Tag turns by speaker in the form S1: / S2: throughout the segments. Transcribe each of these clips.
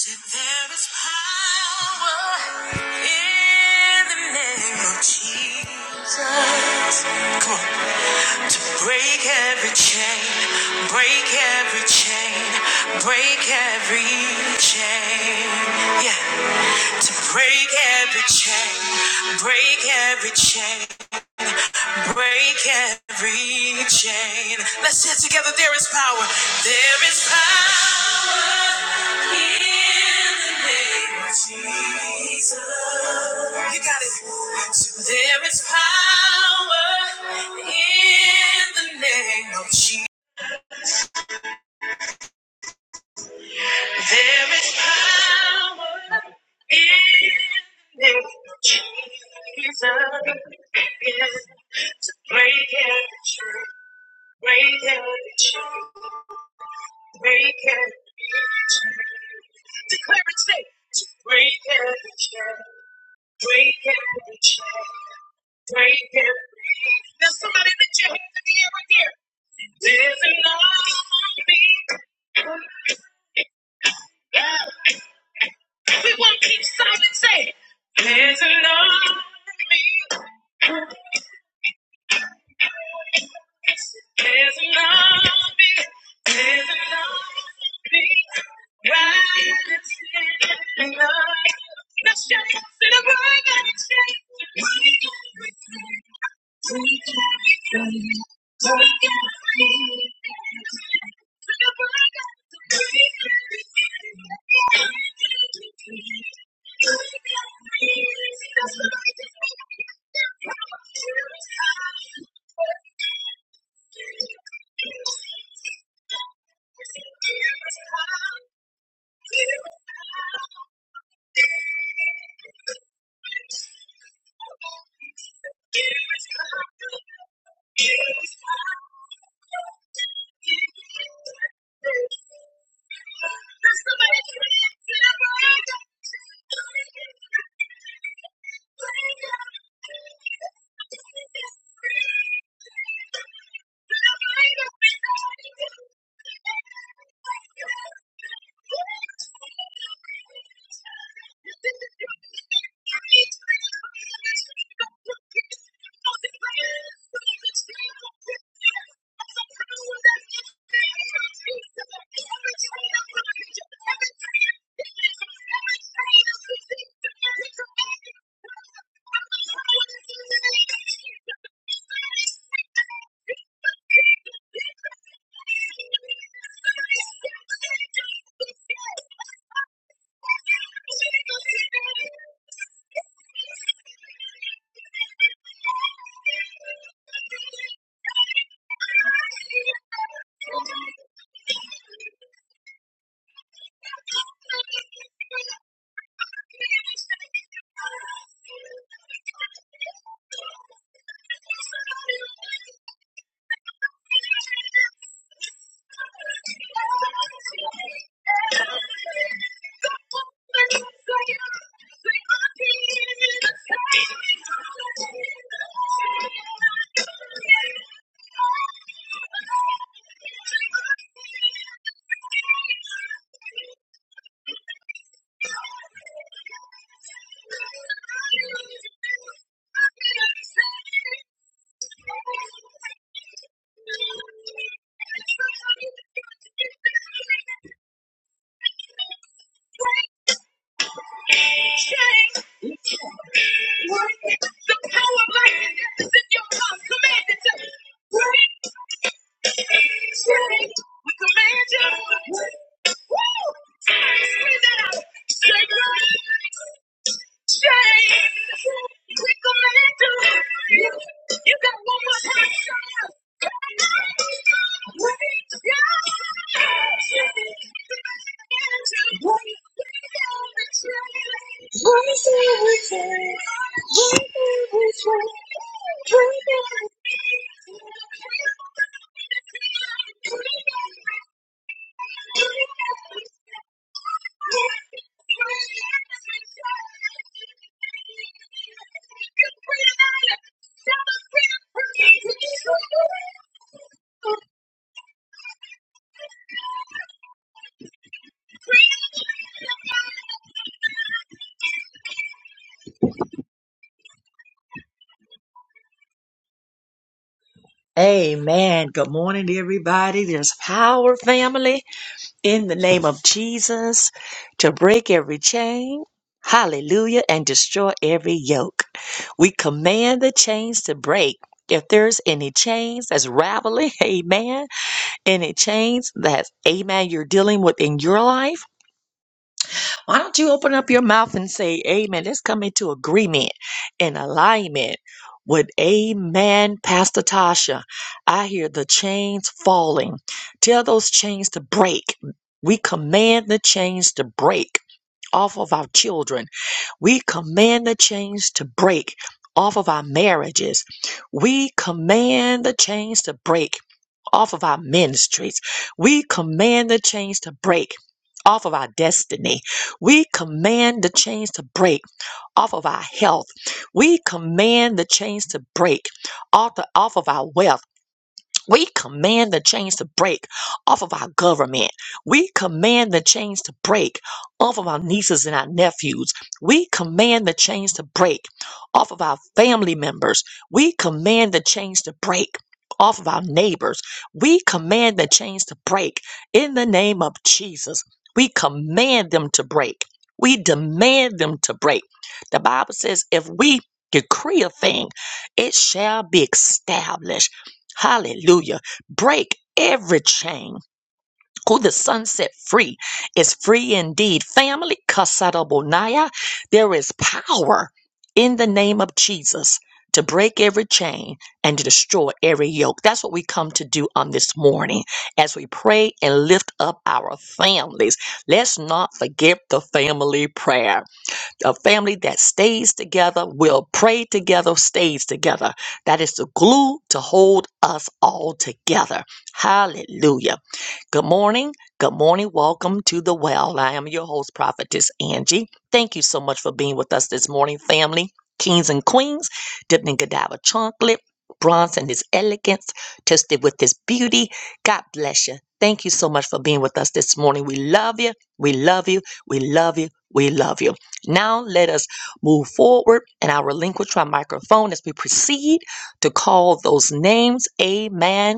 S1: Said there is power in the name of Jesus. Come on. To break every chain, break every chain, break every chain. Yeah. To break every chain, break every chain, Break every chain. Let's say it together. There is power. There is power in the name of Jesus. You got it. So there is power in the name of Jesus. There is power in the name of Jesus. Amen. Good morning, everybody. There's power, family. in the name of Jesus to break every chain. Hallelujah. And destroy every yoke. We command the chains to break. If there's any chains that's raveling, amen, any chains that's, amen, you're dealing with in your life, why don't you open up your mouth and say, Amen? Let's come into agreement and alignment with Amen, Pastor Tasha. I hear the chains falling. Tell those chains to break. We command the chains to break off of our children we command the chains to break off of our marriages. We command the chains to break off of our ministries. We command the chains to break off of our destiny. We command the chains to break off of our health. We command the chains to break off, the, off of our wealth. We command the chains to break off of our government. We command the chains to break off of our nieces and our nephews. We command the chains to break off of our family members. We command the chains to break off of our neighbors. We command the chains to break in the name of Jesus. We command them to break. We demand them to break. The Bible says if we decree a thing, it shall be established. Hallelujah. Break every chain. Who the sun set free is free indeed. Family, Kasadobonaya, there is power in the name of Jesus to break every chain and to destroy every yoke. That's what we come to do on this morning as we pray and lift up our families. Let's not forget the family prayer. A family that stays together will pray together, stays together. That is the glue to hold us all together. Hallelujah. Good morning. Good morning. Welcome to the well. I am your host, Prophetess Angie. Thank you so much for being with us this morning, family, kings and queens, dipped in Godiva chocolate, bronze in his elegance, tested with his beauty. God bless you. Thank you so much for being with us this morning. We love you. We love you. We love you. We love you. Now let us move forward and I relinquish my microphone as we proceed to call those names. Amen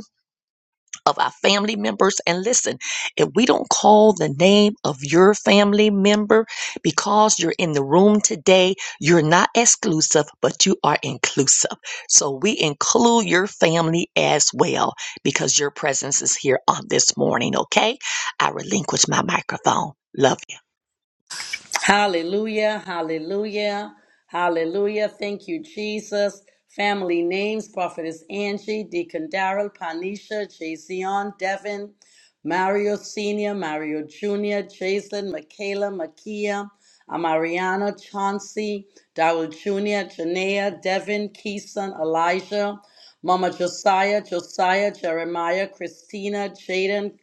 S1: of our family members. And listen, if we don't call the name of your family member because you're in the room today, you're not exclusive, but you are inclusive. So we include your family as well because your presence is here on this morning, okay? I relinquish my microphone. Love you.
S2: Hallelujah, hallelujah, hallelujah. Thank you, Jesus. Family names, Prophetess Angie, Deacon Darrell, Panisha, Jason, Devin, Mario Sr., Mario Jr., Jason, Michaela, Makia, Amariana, Chauncey, Darrell Jr., Janea, Devin, Keeson, Elijah, Mama Josiah, Josiah, Jeremiah, Christina, Jaden,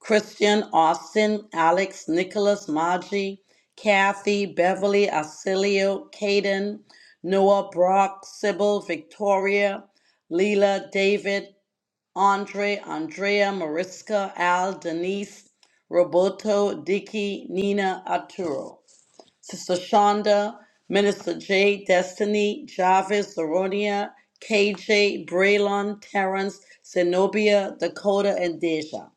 S2: Christian, Austin, Alex, Nicholas, Maji, Kathy, Beverly, Arcelio, Caden, Noah, Brock, Sybil, Victoria, Leela, David, Andre, Andrea, Mariska, Al, Denise, Roberto, Dicky, Nina, Arturo. Sister Shonda, Minister Jay Destiny, Jarvis, Zeronia, KJ, Braylon, Terrence, Zenobia, Dakota, and Deja.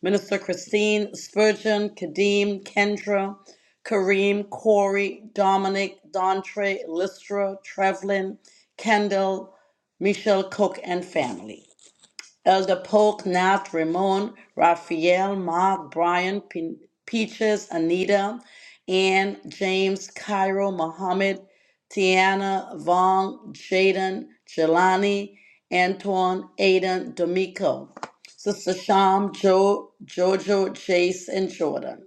S2: Minister Christine, Spurgeon, Kadeem, Kendra, Kareem, Corey, Dominic, Dontre, Lystra, Trevlin, Kendall, Michelle Cook, and family. Elder Polk, Nat, Ramon, Raphael, Mark, Brian, Pe- Peaches, Anita, Ann, James, Cairo, Mohammed, Tiana, Vaughn, Jaden, Jelani, Antoine, Aiden, D'Amico, Sister Sham, Jo, Jojo, Jace, and Jordan.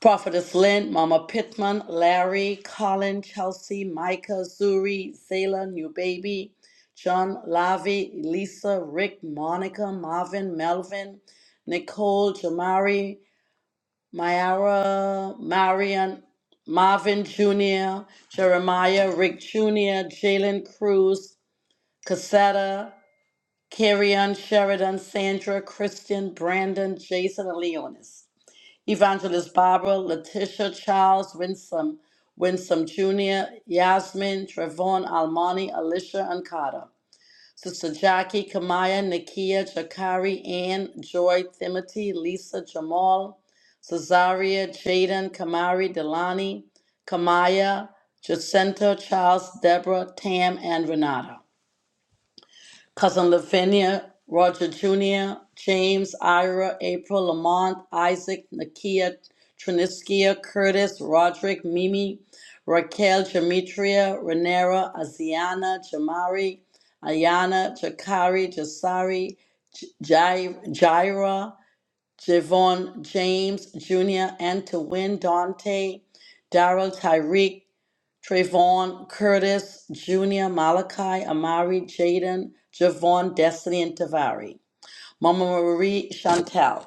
S2: Prophetess Lynn, Mama Pittman, Larry, Colin, Chelsea, Micah, Zuri, Zayla, New Baby, John, Lavi, Elisa, Rick, Monica, Marvin, Melvin, Nicole, Jamari, Myra, Marion, Marvin Jr., Jeremiah, Rick Jr., Jalen Cruz, Cassetta, Carrion, Sheridan, Sandra, Christian, Brandon, Jason, and Leonis. Evangelist Barbara, Letitia Charles, Winsome, Winsome Jr., Yasmin, Trevon, Almani, Alicia, and Carter. Sister Jackie, Kamaya, Nakia, Jakari, Ann, Joy, Timothy, Lisa, Jamal, Cesaria, Jaden, Kamari, Delani, Kamaya, Jacinta, Charles, Deborah, Tam, and Renata. Cousin Lavinia, Roger Jr., James, Ira, April, Lamont, Isaac, Nakia, Triniskia, Curtis, Roderick, Mimi, Raquel, Demetria, Renera, Aziana, Jamari, Ayana, Jakari, Jasari, J- Jai- Jaira, Javon, James, Jr., Antoine, Dante, Daryl, Tyreek, Trayvon, Curtis, Junior, Malachi, Amari, Jaden, Javon, Destiny, and Tavari. Mama Marie, Chantel.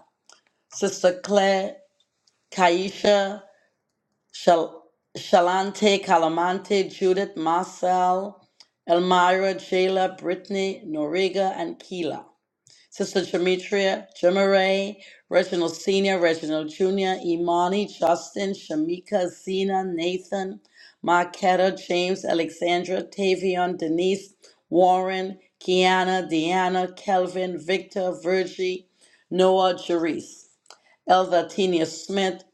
S2: Sister Claire, Kaisha, Shal- Shalante, Calamante, Judith, Marcel, Elmira, Jayla, Brittany, Noriga, and Keela. Sister Demetria, Jemaray, Reginald Sr., Reginald Jr., Imani, Justin, Shamika, Zena, Nathan, Marquetta, James, Alexandra, Tavion, Denise, Warren, Kiana, Deanna, Kelvin, Victor, Virgie, Noah, Jerice, Elva, Tina Smith,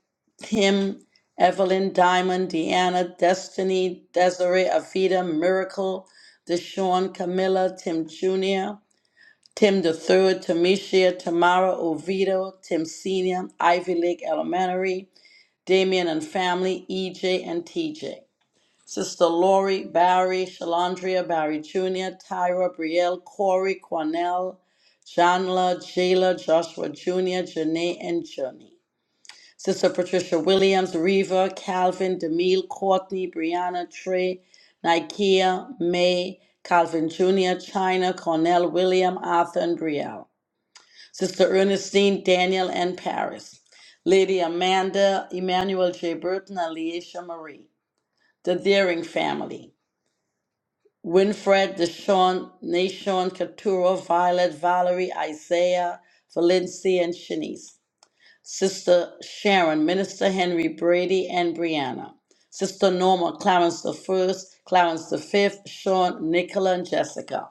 S2: Tim, Evelyn, Diamond, Deanna, Destiny, Desiree, Avita, Miracle, Deshawn, Camilla, Tim Jr., Tim the third, Tamisha, Tamara, Oviedo, Tim Senior, Ivy Lake Elementary, Damien and family, EJ and TJ. Sister Lori, Barry, Shalandria, Barry Jr., Tyra, Brielle, Corey, Cornell, Janla, Jayla, Joshua Jr., Janae, and Journey, Sister Patricia Williams, Reva, Calvin, Demille, Courtney, Brianna, Trey, Nikea, May, Calvin Jr., China, Cornell, William, Arthur, and Brielle. Sister Ernestine, Daniel, and Paris, Lady Amanda, Emmanuel J. Burton, and Leisha Marie, the Deering family, Winfred, Deshawn, Nashon, Keturah, Violet, Valerie, Isaiah, Valencia, and Shanice, Sister Sharon, Minister Henry Brady, and Brianna, Sister Norma, Clarence the First, Clarence the Fifth, Sean, Nicola, and Jessica,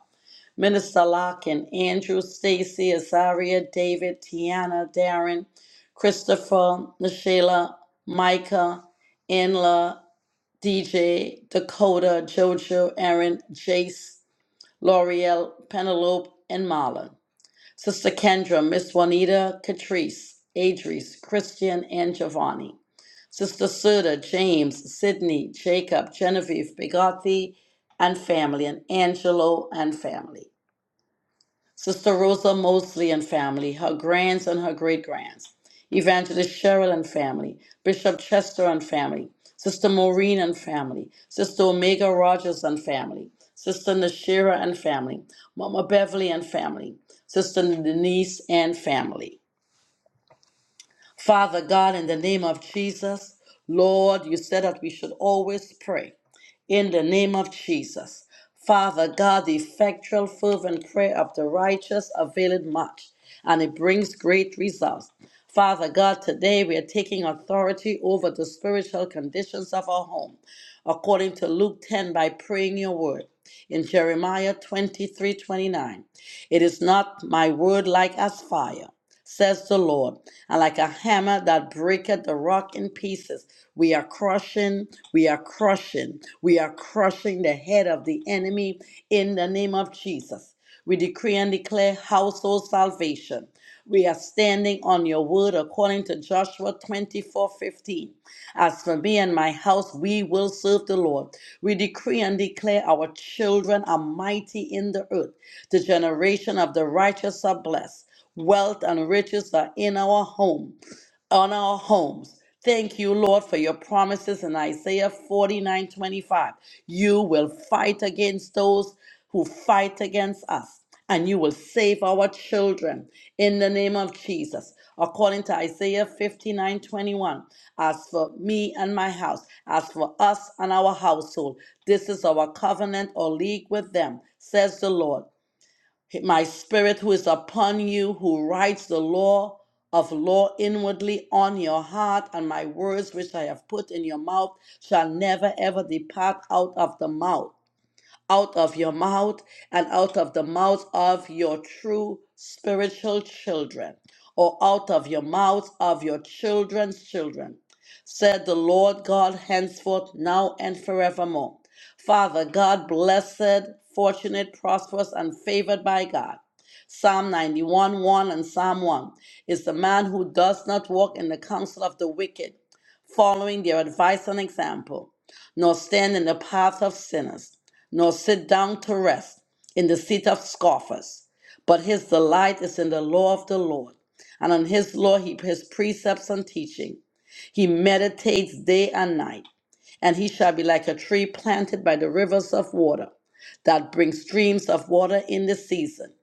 S2: Minister Locke and Andrew, Stacy, Azaria, David, Tiana, Darren, Christopher, Nashila, Micah, Inla, DJ, Dakota, Jojo, Aaron, Jace, L'Oreal, Penelope, and Marla. Sister Kendra, Miss Juanita, Catrice, Adrice, Christian, and Giovanni. Sister Suda, James, Sydney, Jacob, Genevieve, Bigothy, and family, and Angelo and family. Sister Rosa Mosley and family, her grands and her great grands, Evangelist Cheryl and family, Bishop Chester and family, Sister Maureen and family, Sister Omega Rogers and family, Sister Nashira and family, Mama Beverly and family, Sister Denise and family. Father God, in the name of Jesus, Lord, you said that we should always pray. In the name of Jesus. Father God, the effectual, fervent prayer of the righteous availeth much, and it brings great results. Father God, today we are taking authority over the spiritual conditions of our home, according to Luke 10, by praying your word. In Jeremiah twenty three twenty it is not my word like as fire says the Lord. And like a hammer that breaketh the rock in pieces, we are crushing, we are crushing, we are crushing the head of the enemy in the name of Jesus. We decree and declare household salvation. We are standing on your word according to Joshua 24:15. As for me and my house, we will serve the Lord. We decree and declare our children are mighty in the earth. The generation of the righteous are blessed. Wealth and riches are in our home on our homes. Thank you, Lord, for your promises in Isaiah 49 25, You will fight against those who fight against us, and you will save our children in the name of Jesus. According to Isaiah 59 21. as for me and my house, as for us and our household, this is our covenant or league with them, says the Lord my spirit who is upon you, who writes the law of law inwardly on your heart, and my words which I have put in your mouth shall never ever depart out of the mouth out of your mouth and out of the mouth of your true spiritual children, or out of your mouth of your children's children, said the Lord God, henceforth, now and forevermore. Father God, blessed, fortunate, prosperous, and favored by God. Psalm 91 1 and Psalm 1 is the man who does not walk in the counsel of the wicked, following their advice and example, nor stand in the path of sinners nor sit down to rest in the seat of scoffers. But his delight is in the law of the Lord, and on his law he his precepts and teaching. He meditates day and night, and he shall be like a tree planted by the rivers of water, that brings streams of water in the season.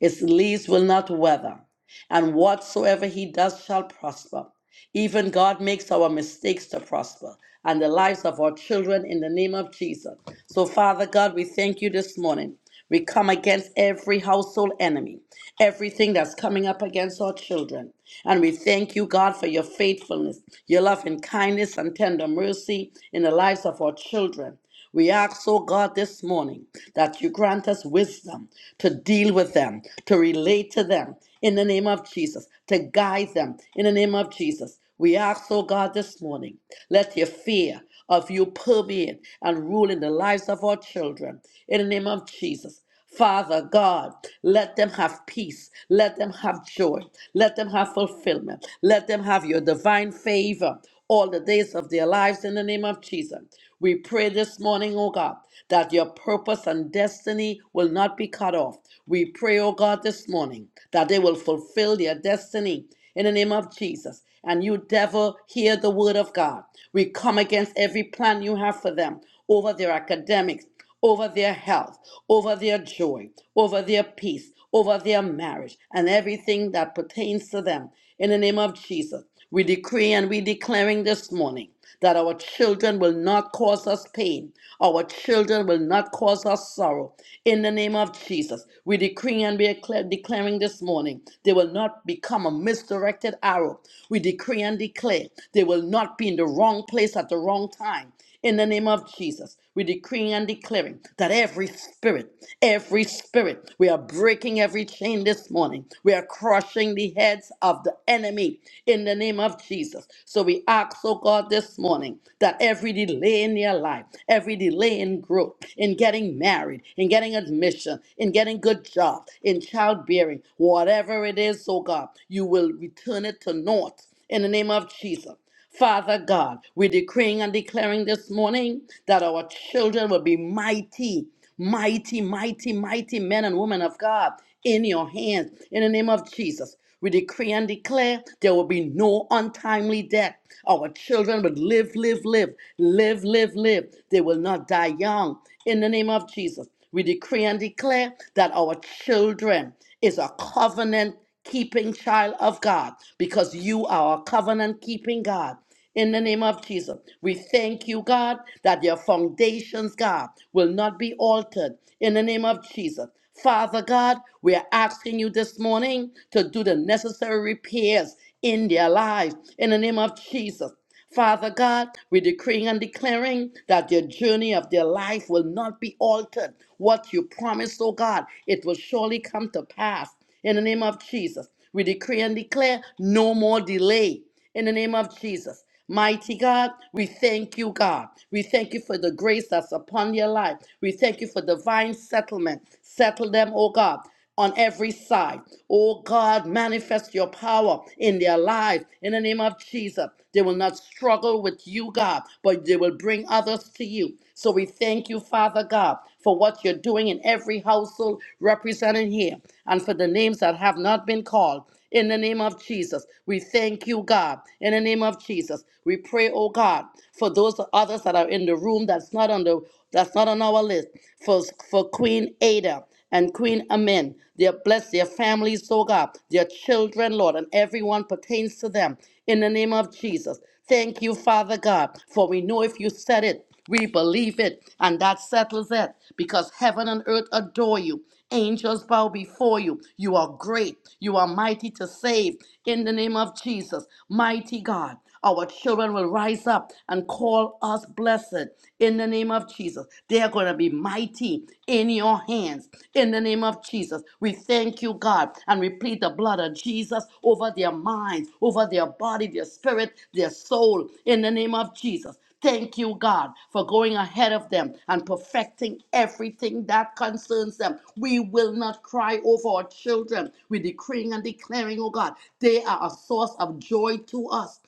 S2: Its leaves will not wither, and whatsoever he does shall prosper. Even God makes our mistakes to prosper and the lives of our children in the name of Jesus. So, Father God, we thank you this morning. We come against every household enemy, everything that's coming up against our children. And we thank you, God, for your faithfulness, your love and kindness and tender mercy in the lives of our children. We ask, oh God, this morning that you grant us wisdom to deal with them, to relate to them in the name of Jesus, to guide them in the name of Jesus. We ask, oh God, this morning, let your fear of you permeate and rule in the lives of our children in the name of Jesus. Father God, let them have peace. Let them have joy. Let them have fulfillment. Let them have your divine favor all the days of their lives in the name of Jesus. We pray this morning, oh God, that your purpose and destiny will not be cut off. We pray, oh God, this morning that they will fulfill their destiny in the name of Jesus. And you, devil, hear the word of God. We come against every plan you have for them over their academics, over their health, over their joy, over their peace, over their marriage, and everything that pertains to them. In the name of Jesus, we decree and we declaring this morning that our children will not cause us pain. Our children will not cause us sorrow. In the name of Jesus, we decree and we declare, declaring this morning they will not become a misdirected arrow. We decree and declare they will not be in the wrong place at the wrong time. In the name of Jesus, we decree and declaring that every spirit, every spirit, we are breaking every chain this morning. We are crushing the heads of the enemy in the name of Jesus. So we ask, oh God, this morning that every delay in their life, every delay in growth, in getting married, in getting admission, in getting good job, in childbearing, whatever it is, oh God, you will return it to naught in the name of Jesus. Father God, we're decreeing and declaring this morning that our children will be mighty, mighty, mighty, mighty men and women of God in your hands. In the name of Jesus, we decree and declare there will be no untimely death. Our children will live, live, live, live, live, live. They will not die young. In the name of Jesus, we decree and declare that our children is a covenant keeping child of God because you are a covenant keeping God. In the name of Jesus, we thank you, God, that your foundations, God, will not be altered. In the name of Jesus. Father God, we are asking you this morning to do the necessary repairs in their lives. In the name of Jesus. Father God, we're decreeing and declaring that their journey of their life will not be altered. What you promised, oh God, it will surely come to pass. In the name of Jesus, we decree and declare no more delay. In the name of Jesus. Mighty God, we thank you, God. We thank you for the grace that's upon your life. We thank you for divine settlement. Settle them, oh God on every side. Oh God, manifest your power in their lives in the name of Jesus. They will not struggle with you, God, but they will bring others to you. So we thank you, Father God, for what you're doing in every household represented here and for the names that have not been called. In the name of Jesus, we thank you, God. In the name of Jesus, we pray, oh God, for those others that are in the room that's not on the that's not on our list. For for Queen Ada and Queen Amin. They are blessed, their families, oh God, their children, Lord, and everyone pertains to them. In the name of Jesus. Thank you, Father God, for we know if you said it, we believe it, and that settles it because heaven and earth adore you. Angels bow before you. You are great. You are mighty to save. In the name of Jesus, mighty God, our children will rise up and call us blessed. In the name of Jesus, they are going to be mighty in your hands. In the name of Jesus, we thank you, God, and we plead the blood of Jesus over their minds, over their body, their spirit, their soul. In the name of Jesus, Thank you, God, for going ahead of them and perfecting everything that concerns them. We will not cry over our children. We're decreeing and declaring, oh God, they are a source of joy to us.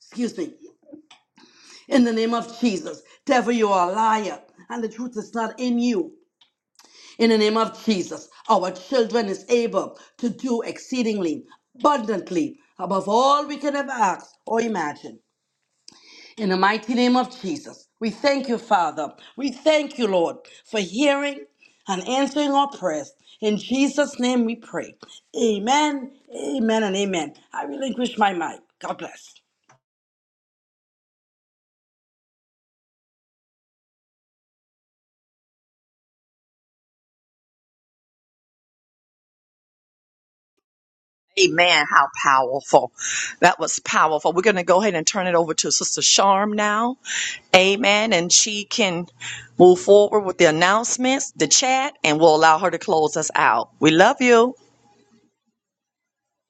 S2: Excuse me. In the name of Jesus, devil, you are a liar, and the truth is not in you. In the name of Jesus, our children is able to do exceedingly, abundantly, above all we can ever ask or imagine. In the mighty name of Jesus, we thank you, Father. We thank you, Lord, for hearing and answering our prayers. In Jesus' name we pray. Amen, amen, and amen. I relinquish my mic. God bless.
S1: Amen. How powerful. That was powerful. We're going to go ahead and turn it over to Sister Charm now. Amen. And she can move forward with the announcements, the chat, and we'll allow her to close us out. We love you.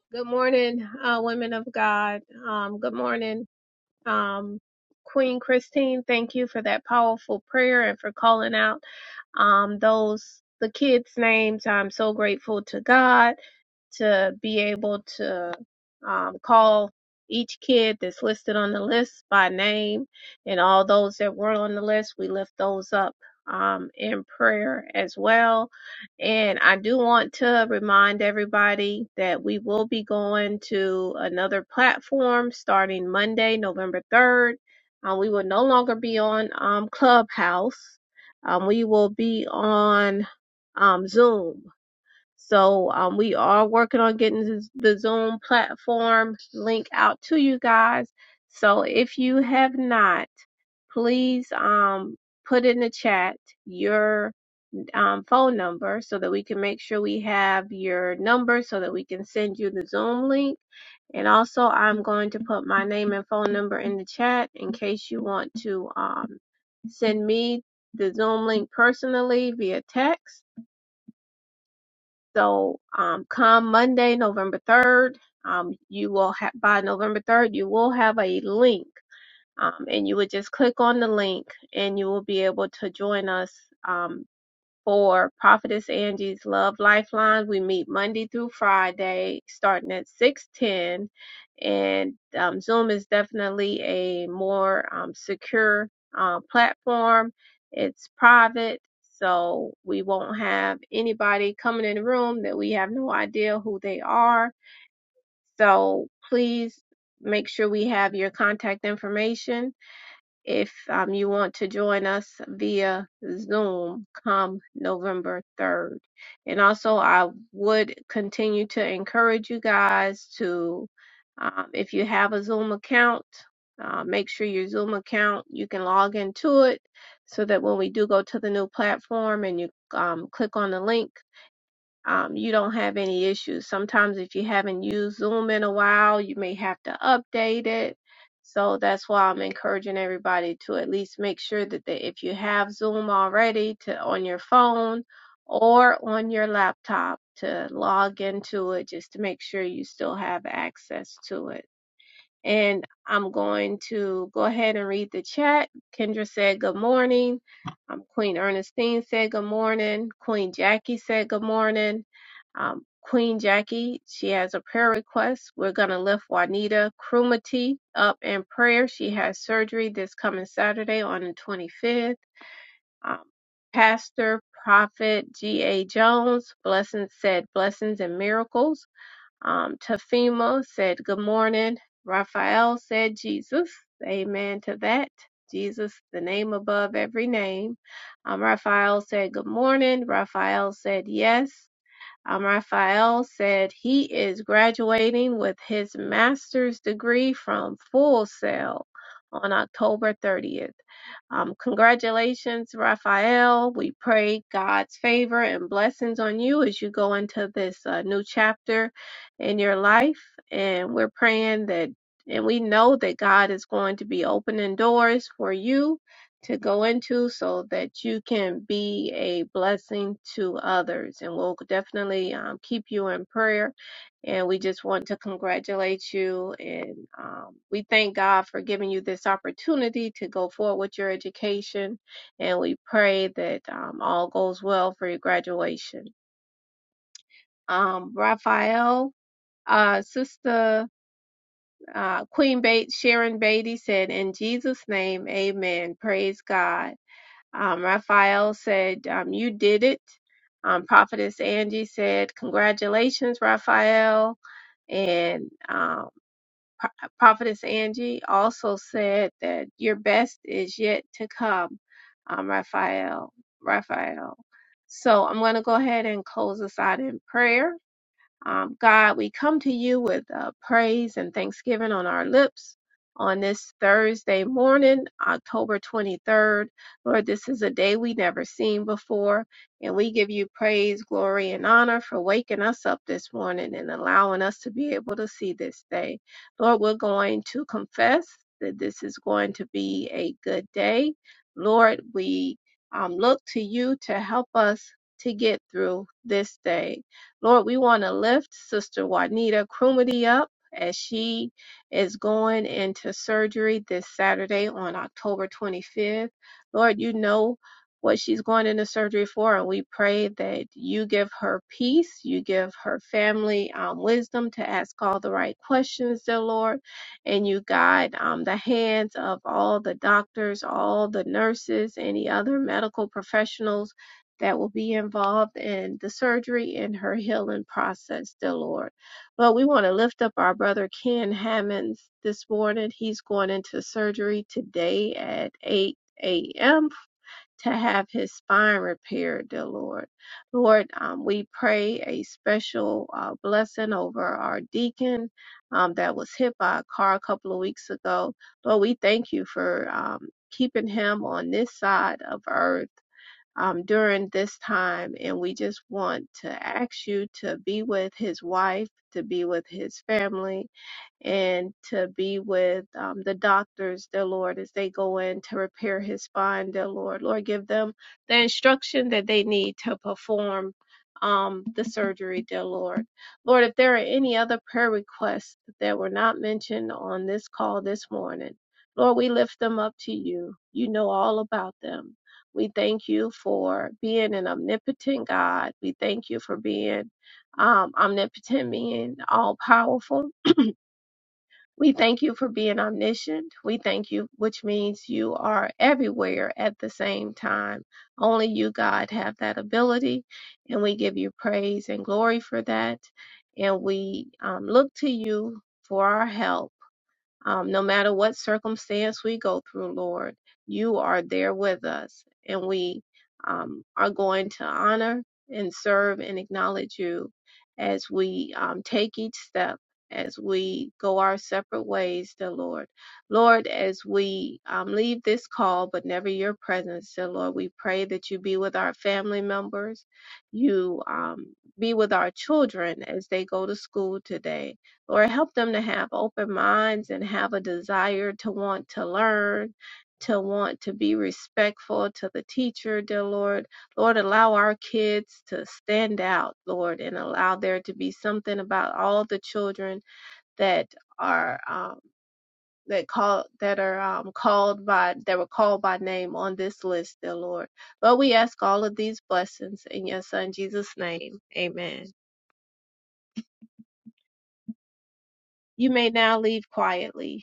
S3: Good morning, uh, women of God. Um, good morning, um, Queen Christine. Thank you for that powerful prayer and for calling out um, those the kids' names. I'm so grateful to God to be able to um, call each kid that's listed on the list by name and all those that weren't on the list. We lift those up um, in prayer as well. And I do want to remind everybody that we will be going to another platform starting Monday, November 3rd. Uh, we will no longer be on um, Clubhouse. Um, we will be on um, Zoom. So um, we are working on getting this- the Zoom platform link out to you guys. So if you have not, please um, put in the chat your um, phone number so that we can make sure we have your number so that we can send you the Zoom link. And also, I'm going to put my name and phone number in the chat in case you want to um, send me the Zoom link personally via text so um, come Monday, November 3rd, um, you will have, by November 3rd, you will have a link. Um, and you would just click on the link and you will be able to join us um, for Prophetess Angie's Love Lifeline. We meet Monday through Friday, starting at six ten, and um, Zoom is definitely a more um, secure uh, platform. It's private, so we won't have anybody coming in the room that we have no idea who they are. So please make sure we have your contact information if um, you want to join us via Zoom come November 3rd. And also, I would continue to encourage you guys to, um, if you have a Zoom account, uh, make sure your Zoom account, you can log into it so that when we do go to the new platform and you um, click on the link, um, you don't have any issues. Sometimes if you haven't used Zoom in a while, you may have to update it. So that's why I'm encouraging everybody to at least make sure that they, if you have Zoom already to on your phone or on your laptop to log into it just to make sure you still have access to it. And I'm going to go ahead and read the chat. Kendra said good morning. Um, Queen Ernestine said good morning. Queen Jackie said good morning. Um, Queen Jackie, she has a prayer request. We're going to lift Juanita Krumati up in prayer. She has surgery this coming Saturday on the 25th. Um, Pastor Prophet G.A. Jones, blessings said blessings and miracles. Um, Tafimo said, Good morning. Raphael said, Jesus. Amen to that. Jesus, the name above every name. Um, Raphael said, Good morning. Raphael said, Yes. Um, Raphael said he is graduating with his master's degree from Full Sail on October 30th. Um, congratulations, Raphael. We pray God's favor and blessings on you as you go into this uh, new chapter in your life. And we're praying that, and we know that God is going to be opening doors for you to go into so that you can be a blessing to others. And we'll definitely um, keep you in prayer. And we just want to congratulate you. And um, we thank God for giving you this opportunity to go forward with your education. And we pray that um, all goes well for your graduation. Um, Raphael, uh, Sister uh, Queen Bate, Sharon Beatty said, In Jesus' name, amen. Praise God. Um, Raphael said, um, You did it. Um, Prophetess Angie said, Congratulations, Raphael. And um, Pro- Prophetess Angie also said that your best is yet to come, um, Raphael. Raphael. So I'm going to go ahead and close us out in prayer. Um, God, we come to you with uh, praise and thanksgiving on our lips on this Thursday morning, October 23rd. Lord, this is a day we never seen before, and we give you praise, glory, and honor for waking us up this morning and allowing us to be able to see this day. Lord, we're going to confess that this is going to be a good day. Lord, we um, look to you to help us to get through this day. Lord, we want to lift Sister Juanita Krumity up as she is going into surgery this Saturday on October 25th. Lord, you know what she's going into surgery for, and we pray that you give her peace, you give her family um, wisdom to ask all the right questions, dear Lord, and you guide um, the hands of all the doctors, all the nurses, any other medical professionals that will be involved in the surgery and her healing process, dear Lord. Lord, we want to lift up our brother Ken Hammonds this morning. He's going into surgery today at 8 a.m. to have his spine repaired, dear Lord. Lord, um, we pray a special uh, blessing over our deacon um, that was hit by a car a couple of weeks ago. Lord, we thank you for um, keeping him on this side of earth um, during this time. And we just want to ask you to be with his wife, to be with his family, and to be with um, the doctors, dear Lord, as they go in to repair his spine, dear Lord. Lord, give them the instruction that they need to perform um, the surgery, dear Lord. Lord, if there are any other prayer requests that were not mentioned on this call this morning, Lord, we lift them up to you. You know all about them. We thank you for being an omnipotent God. We thank you for being um, omnipotent, being all powerful. We thank you for being omniscient. We thank you, which means you are everywhere at the same time. Only you, God, have that ability, and we give you praise and glory for that. And we um, look to you for our help um, no matter what circumstance we go through, Lord, you are there with us, and we um, are going to honor and serve and acknowledge you as we um, take each step, as we go our separate ways, dear Lord. Lord, as we um, leave this call, but never your presence, dear Lord, we pray that you be with our family members, you um, be with our children as they go to school today Lord, help them to have open minds and have a desire to want to learn, to want to be respectful to the teacher, dear Lord. Lord, allow our kids to stand out, Lord, and allow there to be something about all the children that are um, that call that are um, called by that were called by name on this list, dear Lord. Lord, we ask all of these blessings in your Son Jesus' name. Amen. You may now leave quietly.